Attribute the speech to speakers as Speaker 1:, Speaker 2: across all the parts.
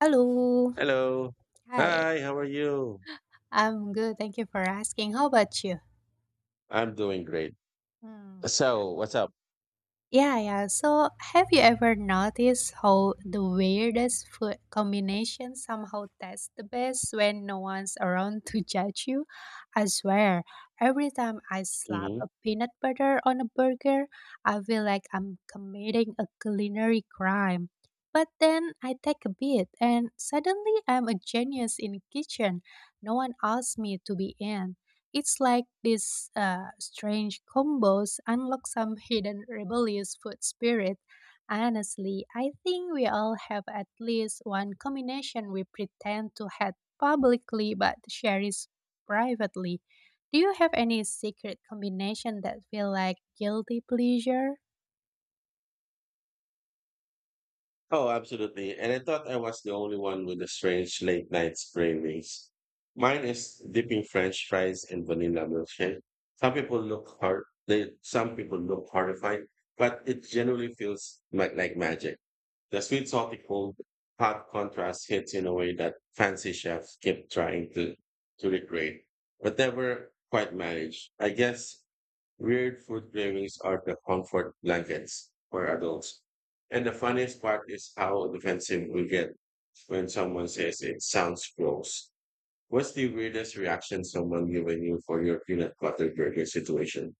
Speaker 1: Hello.
Speaker 2: Hello.
Speaker 1: Hi.
Speaker 2: Hi, how are you?
Speaker 1: I'm good. Thank you for asking. How about you?
Speaker 2: I'm doing great.
Speaker 1: Hmm.
Speaker 2: So, what's up?
Speaker 1: Yeah, yeah. So, have you ever noticed how the weirdest food combination somehow tastes the best when no one's around to judge you? I swear, every time I slap
Speaker 2: Hmm.
Speaker 1: a peanut butter on a burger, I feel like I'm committing a culinary crime. But then I take a bit, and suddenly I'm a genius in the kitchen. No one asked me to be in. It's like these strange combos unlock some hidden rebellious food spirit. Honestly, I think we all have at least one combination we pretend to hate publicly but share is privately. Do you have any secret combination that feel like guilty pleasure?
Speaker 2: Oh, absolutely. And I thought I was the only one with the strange late night cravings. Mine is dipping French fries in vanilla milkshake. Some people look hard. Some people look horrified, but it generally feels like magic. The sweet, salty, cold, hot contrast hits in a way that fancy chefs keep trying to recreate, but never quite manage, I guess. Weird food cravings are the comfort blankets for adults. And the funniest part is how defensive we get when someone says it sounds gross. What's the weirdest reaction someone given you for your peanut butter burger situation?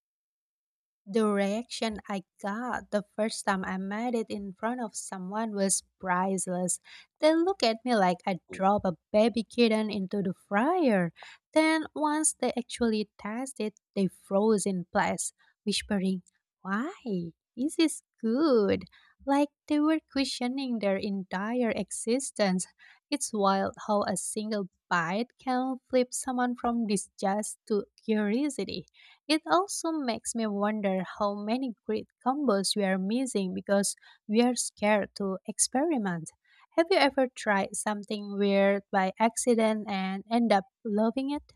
Speaker 1: The reaction I got the first time I made it in front of someone was priceless. They looked at me like I dropped a baby kitten into the fryer. Then, once they actually tasted it, they froze in place, whispering, "Why? This is good." Like they were questioning their entire existence. It's wild how a single bite can flip someone from disgust to curiosity. It also makes me wonder how many great combos we are missing because we are scared to experiment. Have you ever tried something weird by accident and end up loving it?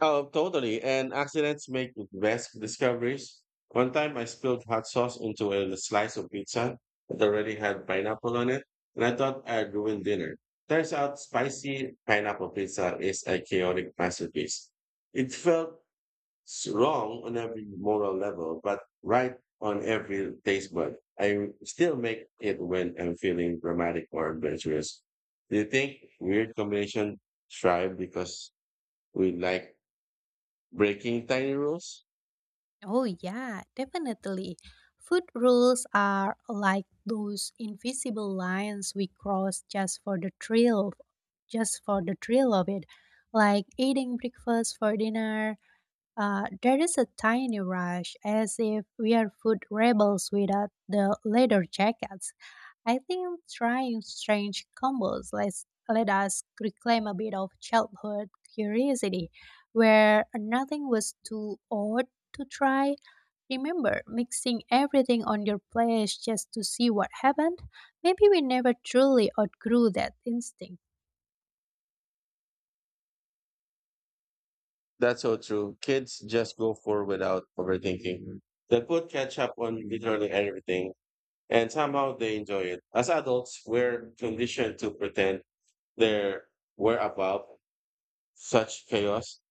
Speaker 2: Oh, totally. And accidents make the best discoveries. One time I spilled hot sauce into a slice of pizza that already had pineapple on it, and I thought I ruined dinner. Turns out spicy pineapple pizza is a chaotic masterpiece. It felt wrong on every moral level, but right on every taste bud. I still make it when I'm feeling dramatic or adventurous. Do you think weird combination thrive because we like breaking tiny rules?
Speaker 1: Oh, yeah, definitely. Food rules are like those invisible lines we cross just for the thrill, just for the thrill of it, like eating breakfast for dinner. There is a tiny rush, as if we are food rebels without the leather jackets. I think trying strange combos let us reclaim a bit of childhood curiosity, where nothing was too odd to try. Remember mixing everything on your plate just to see what happened? Maybe we never truly outgrew that instinct.
Speaker 2: That's so true. Kids just go for without overthinking. They put catch up on literally everything, and somehow they enjoy it. As adults, we're conditioned to pretend they're we're above such chaos.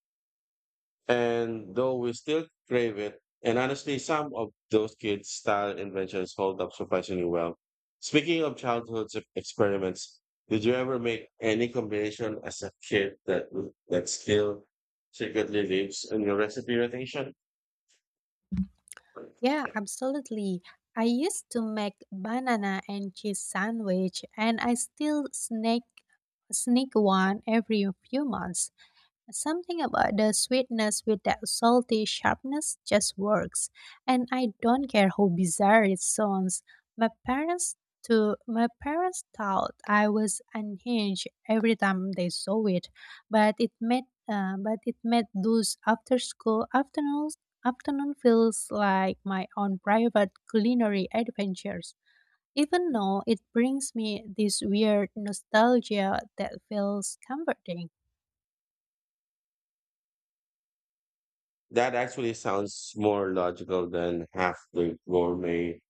Speaker 2: And though we still crave it, and honestly, some of those kids' style inventions hold up surprisingly well. Speaking of childhood experiments, did you ever make any combination as a kid that still secretly lives in your recipe rotation?
Speaker 1: Yeah, absolutely. I used to make banana and cheese sandwich and I still sneak one every few months. Something about the sweetness with that salty sharpness just works, and I don't care how bizarre it sounds. My parents To my parents thought I was unhinged every time they saw it, but it made those after school afternoons afternoon feels like my own private culinary adventures. Even though it brings me this weird nostalgia that feels comforting.
Speaker 2: That actually sounds more logical than half the gourmet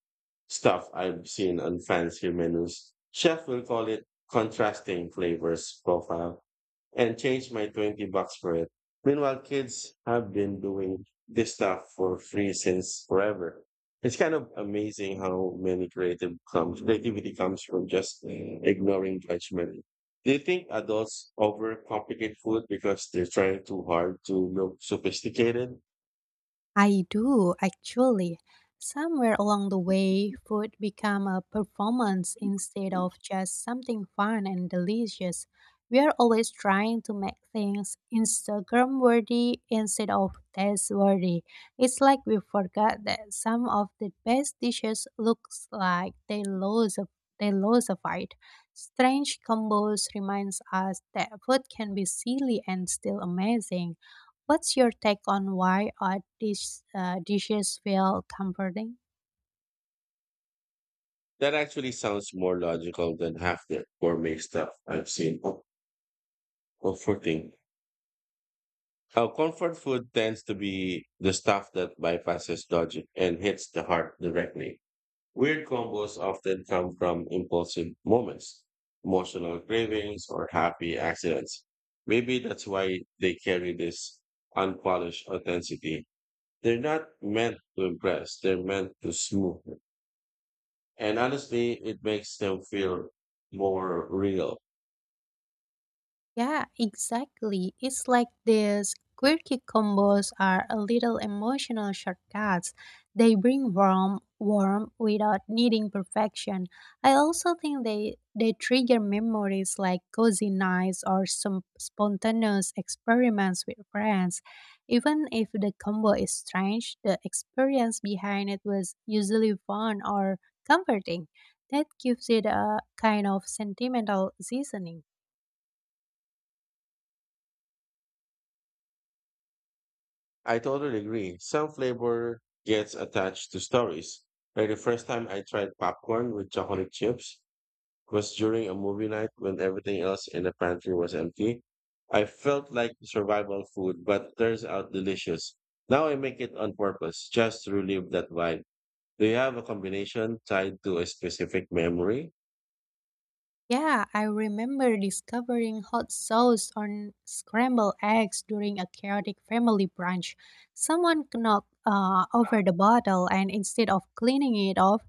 Speaker 2: stuff I've seen on fancier menus. Chef will call it contrasting flavors profile, and change my 20 bucks for it. Meanwhile, kids have been doing this stuff for free since forever. It's kind of amazing how many creative comes creativity comes from just ignoring judgment. Do you think adults overcomplicate food because they're trying too hard to look sophisticated?
Speaker 1: I do, actually. Somewhere along the way, food became a performance instead of just something fun and delicious. We are always trying to make things Instagram worthy instead of taste worthy. It's like we forgot that some of the best dishes looks like they lose a fight. Strange combos reminds us that food can be silly and still amazing. What's your take on why dishes feel comforting?
Speaker 2: That actually sounds more logical than half the gourmet stuff I've seen. Oh, comforting. Our comfort food tends to be the stuff that bypasses logic and hits the heart directly. Weird combos often come from impulsive moments, emotional cravings, or happy accidents. Maybe that's why they carry this unpolished authenticity. They're not meant to impress, they're meant to smooth. And honestly, it makes them feel more real.
Speaker 1: Yeah, exactly. It's like these quirky combos are a little emotional shortcuts. They bring warm without needing perfection. I also think they trigger memories like cozy nights or some spontaneous experiments with friends. Even if the combo is strange, the experience behind it was usually fun or comforting. That gives it a kind of sentimental seasoning.
Speaker 2: I totally agree. Some flavor gets attached to stories. Like the first time I tried popcorn with chocolate chips was during a movie night when everything else in the pantry was empty. I felt like survival food, but turns out delicious. Now I make it on purpose, just to relive that vibe. Do you have a combination tied to a specific memory?
Speaker 1: Yeah, I remember discovering hot sauce on scrambled eggs during a chaotic family brunch. Someone knocked over the bottle, and instead of cleaning it off,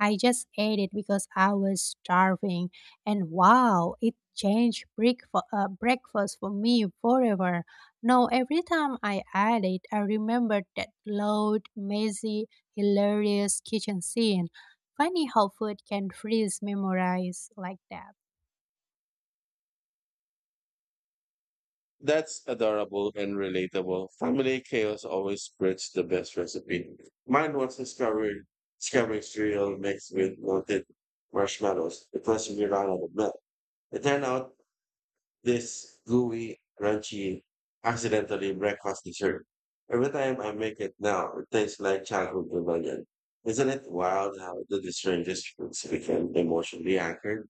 Speaker 1: I just ate it because I was starving. And wow, it changed breakfast for me forever. Now, every time I ate it, I remembered that loud, messy, hilarious kitchen scene. Funny how food can freeze memories like that.
Speaker 2: That's adorable and relatable. Family chaos always spreads the best recipe. Mine was discovered discovering cereal mixed with melted marshmallows. It was We ran out of milk. It turned out this gooey, crunchy, accidentally breakfast dessert. Every time I make it now, it tastes like childhood rebellion. Isn't it wild how the strangest foods become emotionally anchored?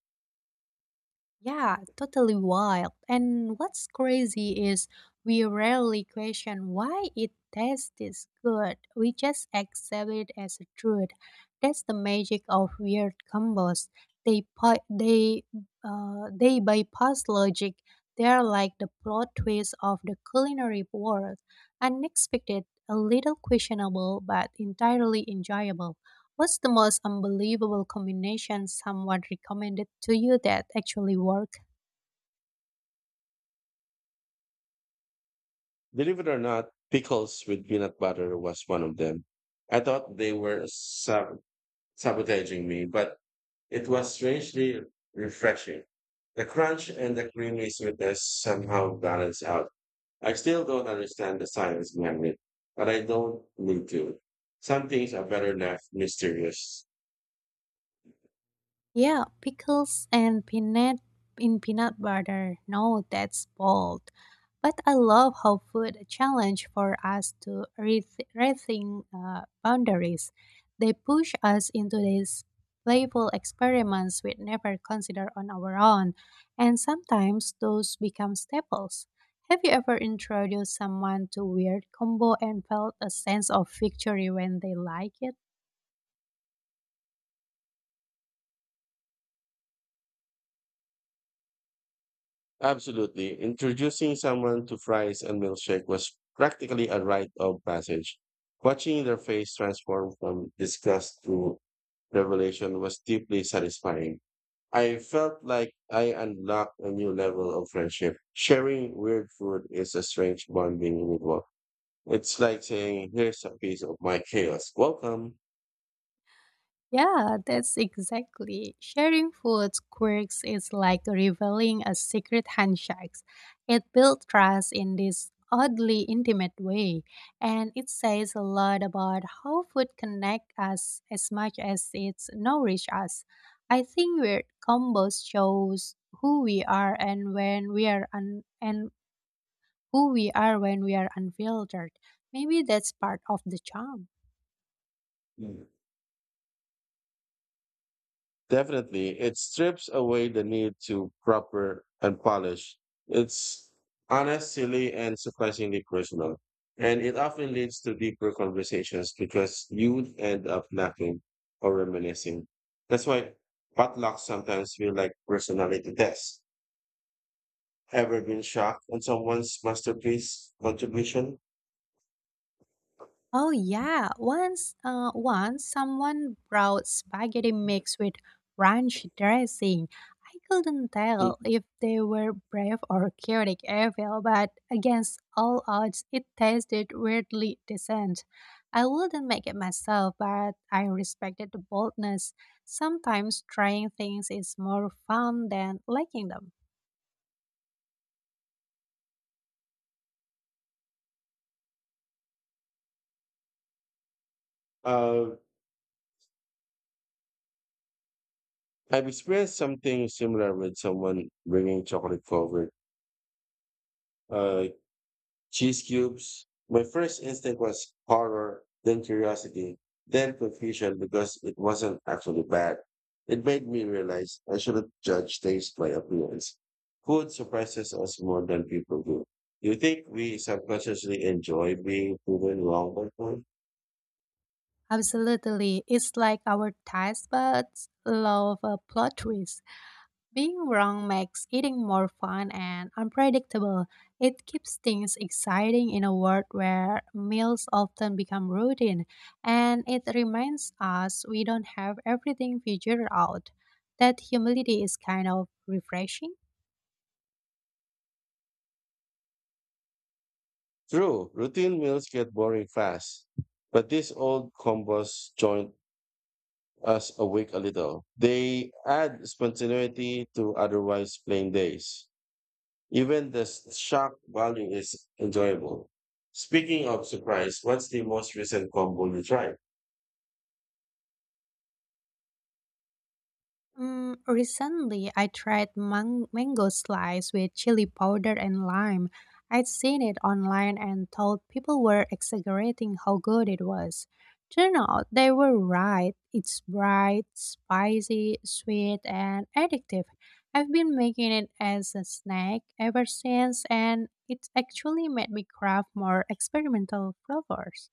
Speaker 1: Yeah, totally wild. And what's crazy is we rarely question why it tastes this good. We just accept it as a truth. That's the magic of weird combos. They pi- they they bypass logic. They're like the plot twist of the culinary world, unexpected, a little questionable, but entirely enjoyable. What's the most unbelievable combination someone recommended to you that actually worked?
Speaker 2: Believe it or not, pickles with peanut butter was one of them. I thought they were sabotaging me, but it was strangely refreshing. The crunch and the creamy sweetness somehow balance out. I still don't understand the science behind it, but I don't need to. Some things are better left mysterious.
Speaker 1: Yeah, pickles and peanut in peanut butter. No, that's bold. But I love how food challenge for us to rethink boundaries. They push us into these playful experiments we'd never consider on our own, and sometimes those become staples. Have you ever introduced someone to weird combo and felt a sense of victory when they like it?
Speaker 2: Absolutely. Introducing someone to fries and milkshake was practically a rite of passage. Watching their face transform from disgust to revelation was deeply satisfying. I felt like I unlocked a new level of friendship. Sharing weird food is a strange bonding ritual. It's like saying, here's a piece of my chaos. Welcome.
Speaker 1: Yeah, that's exactly. Sharing food quirks is like revealing a secret handshake. It builds trust in this oddly intimate way, and it says a lot about how food connects us as much as it nourishes us. I think weird combos shows who we are and when we are un- and who we are when we are unfiltered. Maybe that's part of the charm.
Speaker 2: Definitely, it strips away the need to proper and polish. It's honest, silly, and surprisingly personal. And it often leads to deeper conversations because you end up laughing or reminiscing. That's why potlucks sometimes feel like personality tests. Ever been shocked on someone's masterpiece contribution?
Speaker 1: Oh yeah, once someone brought spaghetti mixed with ranch dressing. I couldn't tell if they were brave or chaotic evil, but against all odds, it tasted weirdly decent. I wouldn't make it myself, but I respected the boldness. Sometimes trying things is more fun than liking them.
Speaker 2: Uh, I've experienced something similar with someone bringing chocolate forward. Uh, Cheese cubes. My first instinct was horror, then curiosity, then confusion because it wasn't actually bad. It made me realize I shouldn't judge things by appearance. Food surprises us more than people do. Do you think we subconsciously enjoy being proven wrong by food?
Speaker 1: Absolutely, it's like our taste buds love a plot twist. Being wrong makes eating more fun and unpredictable. It keeps things exciting in a world where meals often become routine, and it reminds us we don't have everything figured out. That humility is kind of refreshing.
Speaker 2: True, routine meals get boring fast, but these old combos join us awake a little. They add spontaneity to otherwise plain days. Even the shock value is enjoyable. Speaking of surprise, what's the most recent combo you tried?
Speaker 1: Recently, I tried mango slice with chili powder and lime. I'd seen it online and thought people were exaggerating how good it was. Turned out they were right. It's bright, spicy, sweet, and addictive. I've been making it as a snack ever since, and it's actually made me crave more experimental flavors.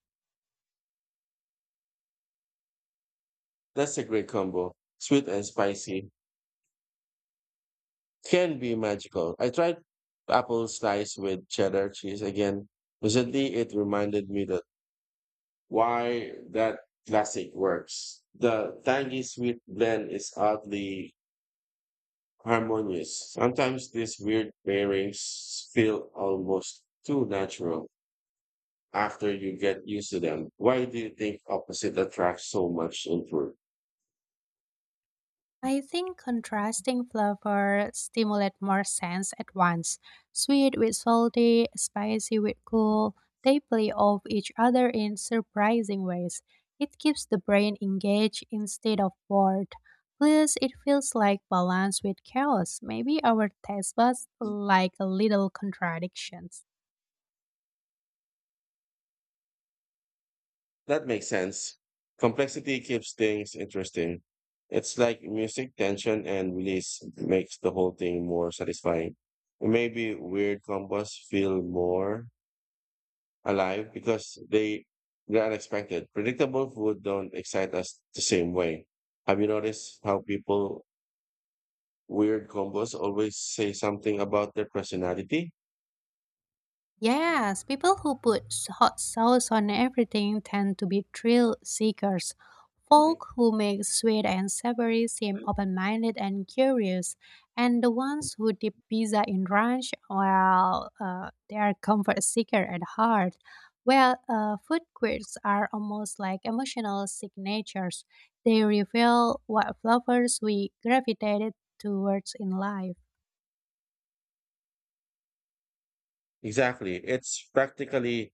Speaker 2: That's a great combo. Sweet and spicy can be magical. I tried apple slice with cheddar cheese again. Recently, it reminded me that why that classic works. The tangy sweet blend is oddly harmonious. Sometimes these weird pairings feel almost too natural, after you get used to them. Why do you think opposite attract so much input?
Speaker 1: I think contrasting flavor stimulate more sense at once. Sweet with salty, spicy with cool, they play off each other in surprising ways. It keeps the brain engaged instead of bored. Plus, it feels like balance with chaos. Maybe our taste buds like a little contradictions.
Speaker 2: That makes sense. Complexity keeps things interesting. It's like music, tension, and release makes the whole thing more satisfying. Maybe weird combos feel more alive because they're unexpected. Predictable food don't excite us the same way. Have you noticed how people weird combos always say something about their personality?
Speaker 1: Yes, people who put hot sauce on everything tend to be thrill seekers. Folk who make sweet and savory seem open minded and curious, and the ones who dip pizza in ranch, they are comfort seeker at heart. Food quirks are almost like emotional signatures. They reveal what flavors we gravitated towards in life.
Speaker 2: Exactly. It's practically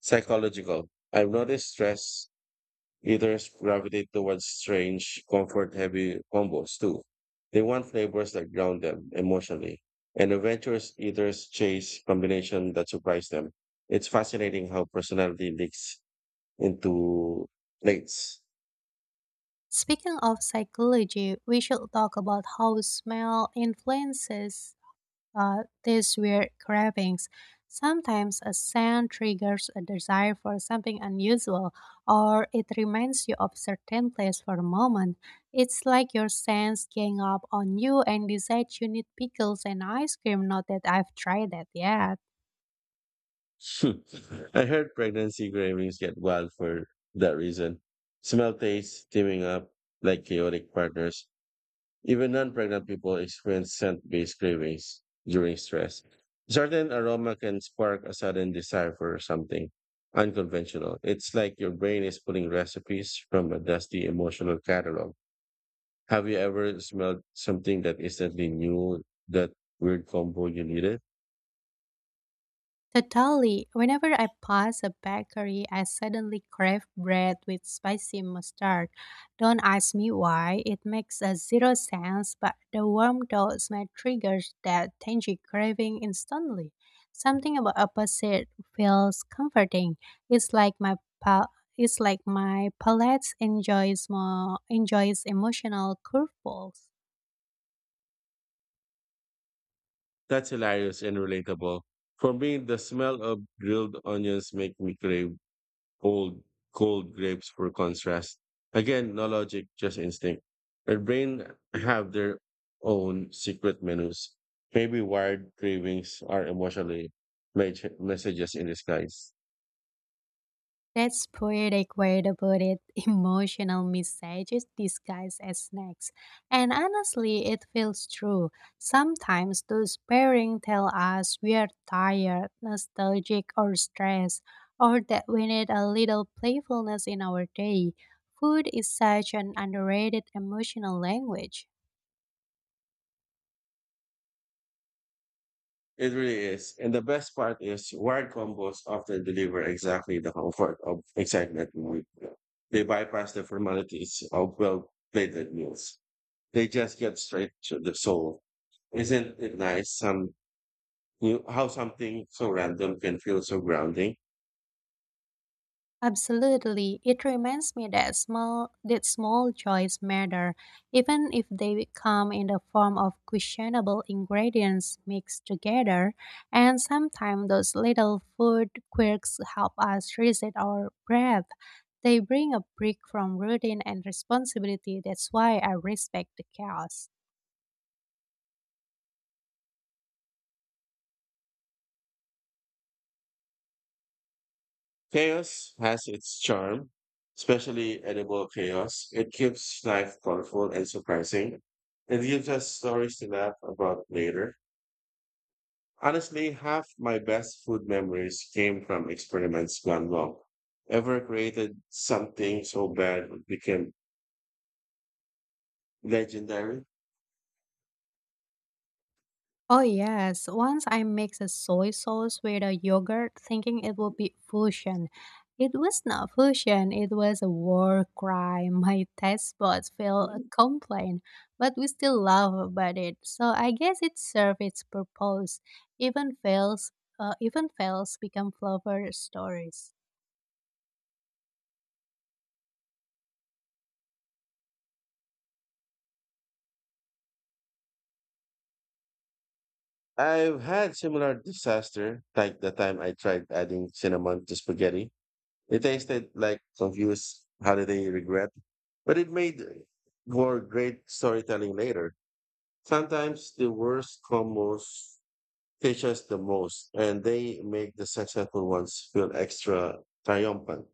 Speaker 2: psychological. I've noticed stress eaters gravitate towards strange, comfort heavy combos too. They want flavors that ground them emotionally. And adventurous eaters chase combination that surprise them. It's fascinating how personality leaks into plates.
Speaker 1: Speaking of psychology, we should talk about how smell influences these weird cravings. Sometimes a scent triggers a desire for something unusual, or it reminds you of certain place for a moment. It's like your sense gang up on you and decides you need pickles and ice cream. Not that I've tried that yet.
Speaker 2: I heard pregnancy cravings get wild for that reason. Smell tastes teaming up like chaotic partners. Even non pregnant people experience scent based cravings during stress. Certain aroma can spark a sudden desire for something unconventional. It's like your brain is pulling recipes from a dusty emotional catalog. Have you ever smelled something that instantly knew that weird combo you needed?
Speaker 1: Totally. Whenever I pass a bakery, I suddenly crave bread with spicy mustard. Don't ask me why, it makes a zero sense, but the warm toast may triggers that tangy craving instantly. Something about opposite feels comforting. It's like my pal- it's like my palate enjoys emotional curveballs.
Speaker 2: That's hilarious and relatable. For me, the smell of grilled onions make me crave cold, cold grapes for contrast. Again, no logic, just instinct. Our brain have their own secret menus. Maybe wired cravings are emotionally messages in disguise.
Speaker 1: That's poetic way to put it. Emotional messages disguised as snacks. And honestly, it feels true. Sometimes those pairings tell us we are tired, nostalgic, or stressed, or that we need a little playfulness in our day. Food is such an underrated emotional language.
Speaker 2: It really is. And the best part is wired combos often deliver exactly the comfort of excitement we need. They bypass the formalities of well-plated meals. They just get straight to the soul. Isn't it nice? Some you how something so random can feel so grounding.
Speaker 1: Absolutely. It reminds me that small joys matter, even if they come in the form of questionable ingredients mixed together, and sometimes those little food quirks help us reset our breath. They bring a break from routine and responsibility. That's why I respect the chaos.
Speaker 2: Chaos has its charm, especially edible chaos. It keeps life colorful and surprising. It gives us stories to laugh about later. Honestly, half my best food memories came from experiments gone wrong. Ever created something so bad it became legendary?
Speaker 1: Oh yes, once I mixed a soy sauce with a yogurt thinking it would be fusion. It was not fusion, it was a war cry. My taste buds felt a
Speaker 2: Mhm.
Speaker 1: complaint, but we still laugh about it. So I guess it served its purpose. Even fails, Even fails become flavor stories.
Speaker 2: I've had similar disaster, like the time I tried adding cinnamon to spaghetti. It tasted like confused holiday regret, but it made for great storytelling later. Sometimes the worst combos teach us the most, and they make the successful ones feel extra triumphant.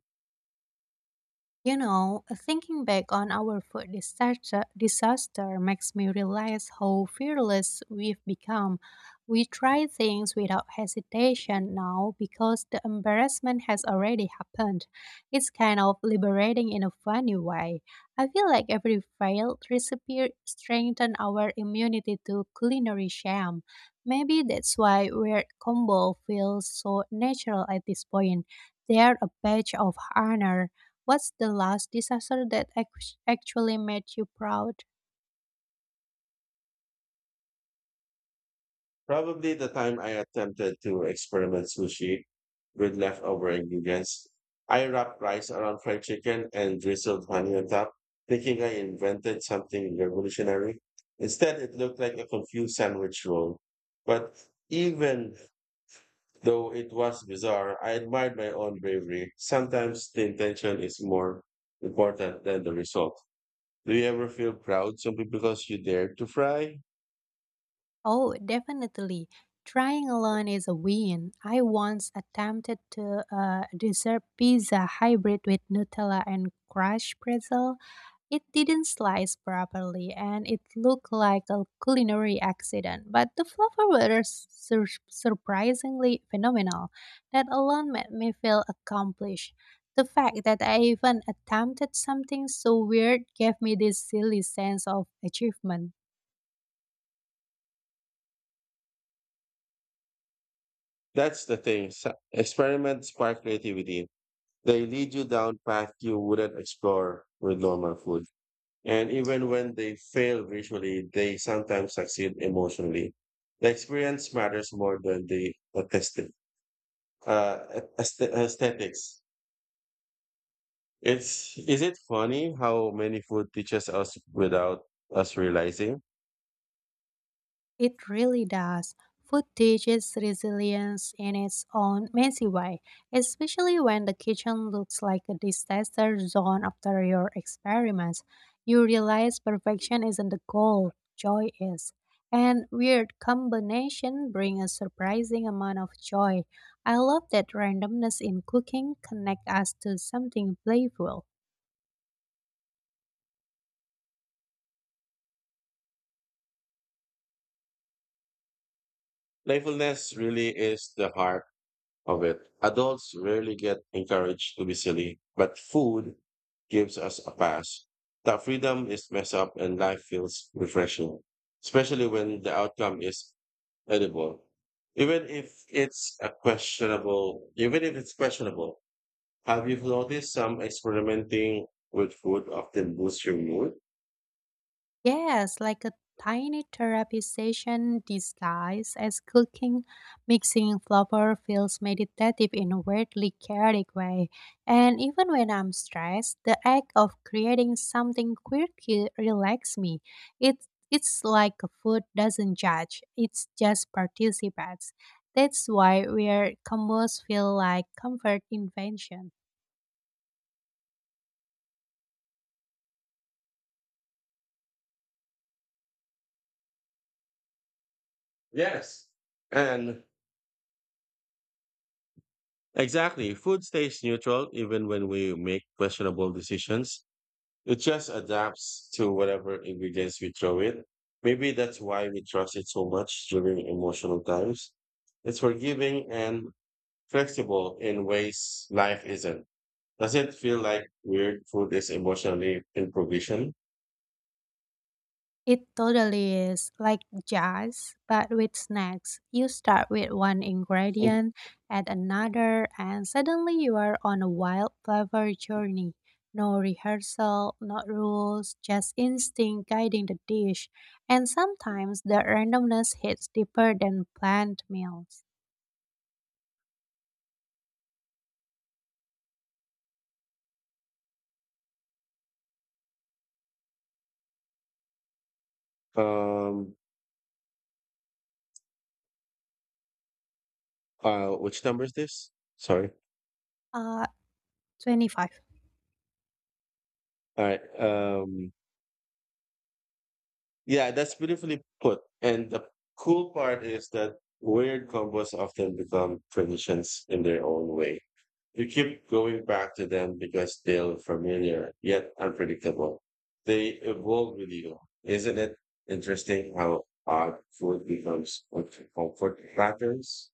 Speaker 1: You know, thinking back on our disaster makes me realize how fearless we've become. We try things without hesitation now because the embarrassment has already happened. It's kind of liberating in a funny way. I feel like every failed recipe strengthens our immunity to culinary shame. Maybe that's why weird combo feels so natural at this point. They're a badge of honor. What's the last disaster that actually made you proud?
Speaker 2: Probably the time I attempted to experiment sushi with leftover ingredients. I wrapped rice around fried chicken and drizzled honey on top, thinking I invented something revolutionary. Instead, it looked like a confused sandwich roll. But even though it was bizarre, I admired my own bravery. Sometimes the intention is more important than the result. Do you ever feel proud simply because you dared to fry?
Speaker 1: Oh, definitely. Trying alone is a win. I once attempted to dessert pizza hybrid with Nutella and crushed pretzel. It didn't slice properly and it looked like a culinary accident, but the flavor was surprisingly phenomenal. That alone made me feel accomplished. The fact that I even attempted something so weird gave me this silly sense of achievement.
Speaker 2: That's the thing. Experiments spark creativity. They lead you down paths you wouldn't explore with normal food. And even when they fail visually, they sometimes succeed emotionally. The experience matters more than the aesthetic. Aesthetics. It's Is it funny how many food teaches us without us realizing?
Speaker 1: It really does. Food teaches resilience in its own messy way, especially when the kitchen looks like a disaster zone after your experiments. You realize perfection isn't the goal, joy is. And weird combination bring a surprising amount of joy. I love that randomness in cooking connect us to something playful.
Speaker 2: Playfulness really is the heart of it. Adults rarely get encouraged to be silly, but food gives us a pass. That freedom is messed up and life feels refreshing, especially when the outcome is edible. Even if it's questionable, have you noticed some experimenting with food often boosts your mood?
Speaker 1: Yes, like a tiny therapy session disguised as cooking, mixing flour feels meditative in a weirdly chaotic way. And even when I'm stressed, the act of creating something quirky relaxes me. It's like food doesn't judge; it just participates. That's why weird combos feel like comfort invention.
Speaker 2: Yes. And exactly, food stays neutral even when we make questionable decisions. It just adapts to whatever ingredients we throw in. Maybe that's why we trust it so much during emotional times. It's forgiving and flexible in ways life isn't. Does it feel like weird food is emotionally improvisation?
Speaker 1: It totally is like jazz, but with snacks. You start with one
Speaker 2: Mm.
Speaker 1: ingredient, add another, and suddenly you are on a wild flavor journey. No rehearsal, no rules, just instinct guiding the dish. And sometimes the randomness hits deeper than planned meals.
Speaker 2: Um, which number is this? Sorry.
Speaker 1: Uh, 25.
Speaker 2: All right. Yeah, that's beautifully put. And the cool part is that weird combos often become traditions in their own way. You keep going back to them because they're familiar yet unpredictable. They evolve with you. Isn't it interesting how odd food becomes comfort patterns?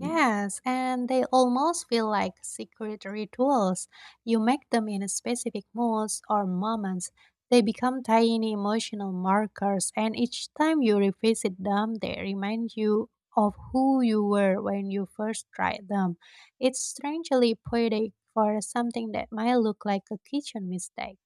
Speaker 1: Yes, and they almost feel like secret rituals. You make them in specific moods or moments. They become tiny emotional markers, and each time you revisit them, they remind you of who you were when you first tried them. It's strangely poetic for something that might look like a kitchen mistake.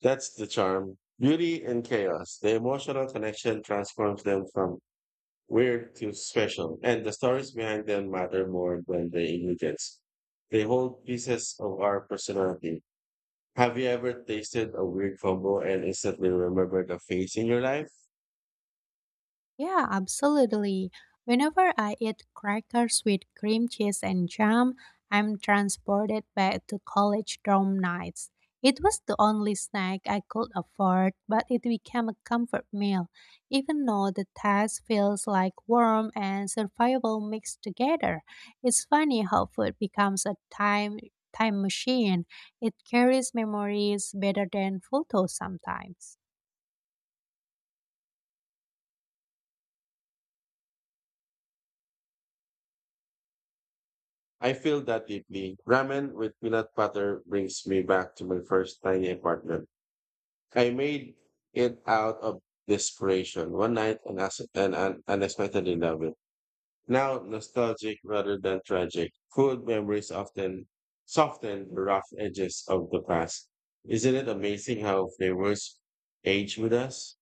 Speaker 2: That's the charm. Beauty and chaos. The emotional connection transforms them from weird to special, and the stories behind them matter more than the ingredients. They hold pieces of our personality. Have you ever tasted a weird combo and instantly remembered a face in your life?
Speaker 1: Yeah, absolutely. Whenever I eat crackers with cream cheese and jam, I'm transported back to college dorm nights. It was the only snack I could afford, but it became a comfort meal, even though the taste feels like warm and survival mixed together. It's funny how food becomes a time machine. It carries memories better than photos sometimes.
Speaker 2: I feel that deeply. Ramen with peanut butter brings me back to my first tiny apartment. I made it out of desperation one night and unexpectedly loved it. Now nostalgic rather than tragic. Food memories often soften the rough edges of the past. Isn't it amazing how flavors age with us?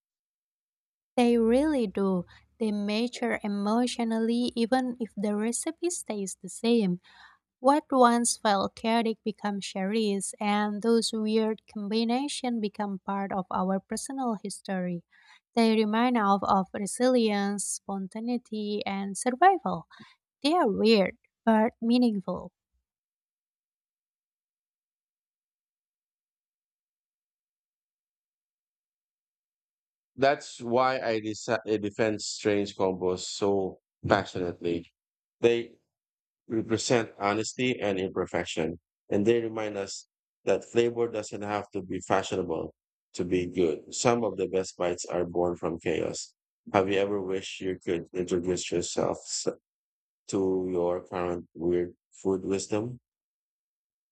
Speaker 1: They really do. They mature emotionally even if the recipe stays the same. What once felt chaotic becomes cherished, and those weird combinations become part of our personal history. They remind us of resilience, spontaneity, and survival. They are weird, but meaningful.
Speaker 2: That's why I defend strange combos so passionately. They represent honesty and imperfection, and they remind us that flavor doesn't have to be fashionable to be good. Some of the best bites are born from chaos. Have you ever wished you could introduce yourself to your current weird food wisdom?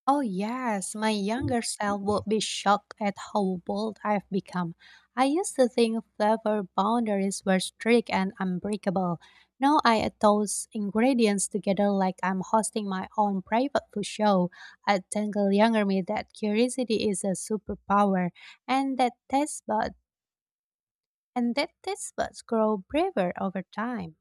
Speaker 1: Oh, yes, my younger self would be shocked at how bold I've become. I used to think flavor boundaries were strict and unbreakable. Now I add those ingredients together like I'm hosting my own private food show. I think younger me that curiosity is a superpower and that taste bud and that taste buds grow braver over time.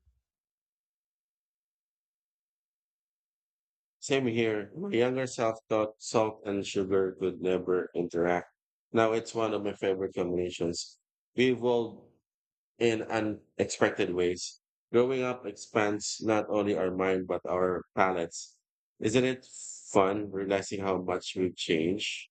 Speaker 2: Same here. My younger self thought salt and sugar could never interact. Now it's one of my favorite combinations. We evolve in unexpected ways. Growing up expands not only our mind but our palates. Isn't it fun realizing how much we've changed?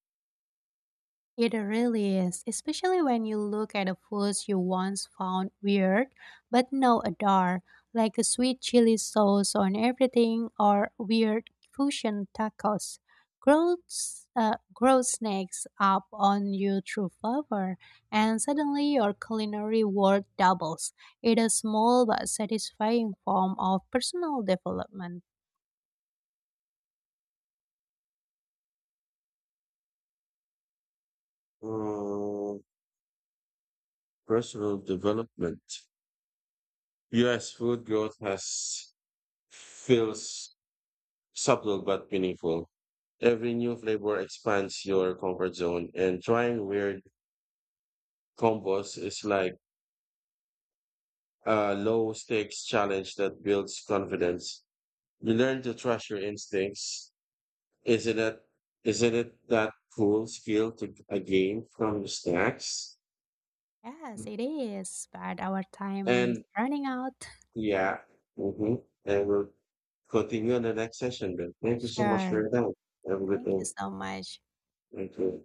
Speaker 1: It really is, especially when you look at the foods you once found weird but now adore, like a sweet chili sauce on everything or weird fusion tacos. Growth snakes up on you through flavor, and suddenly your culinary world doubles. It is a small but satisfying form of personal development.
Speaker 2: Uh, Personal development. Yes, food growth has feels subtle but meaningful. Every new flavor expands your comfort zone, and trying weird combos is like a low stakes challenge that builds confidence. You learn to trust your instincts. Isn't it? Isn't it that cool skill to a game from the snacks?
Speaker 1: Yes, it is, but our time is
Speaker 2: And
Speaker 1: running out.
Speaker 2: yeah, mm-hmm, and we'll continue in the next session. Then thank you so much
Speaker 1: Sure.
Speaker 2: for your time. Have a good
Speaker 1: Thank
Speaker 2: day.
Speaker 1: you so much.
Speaker 2: Thank you.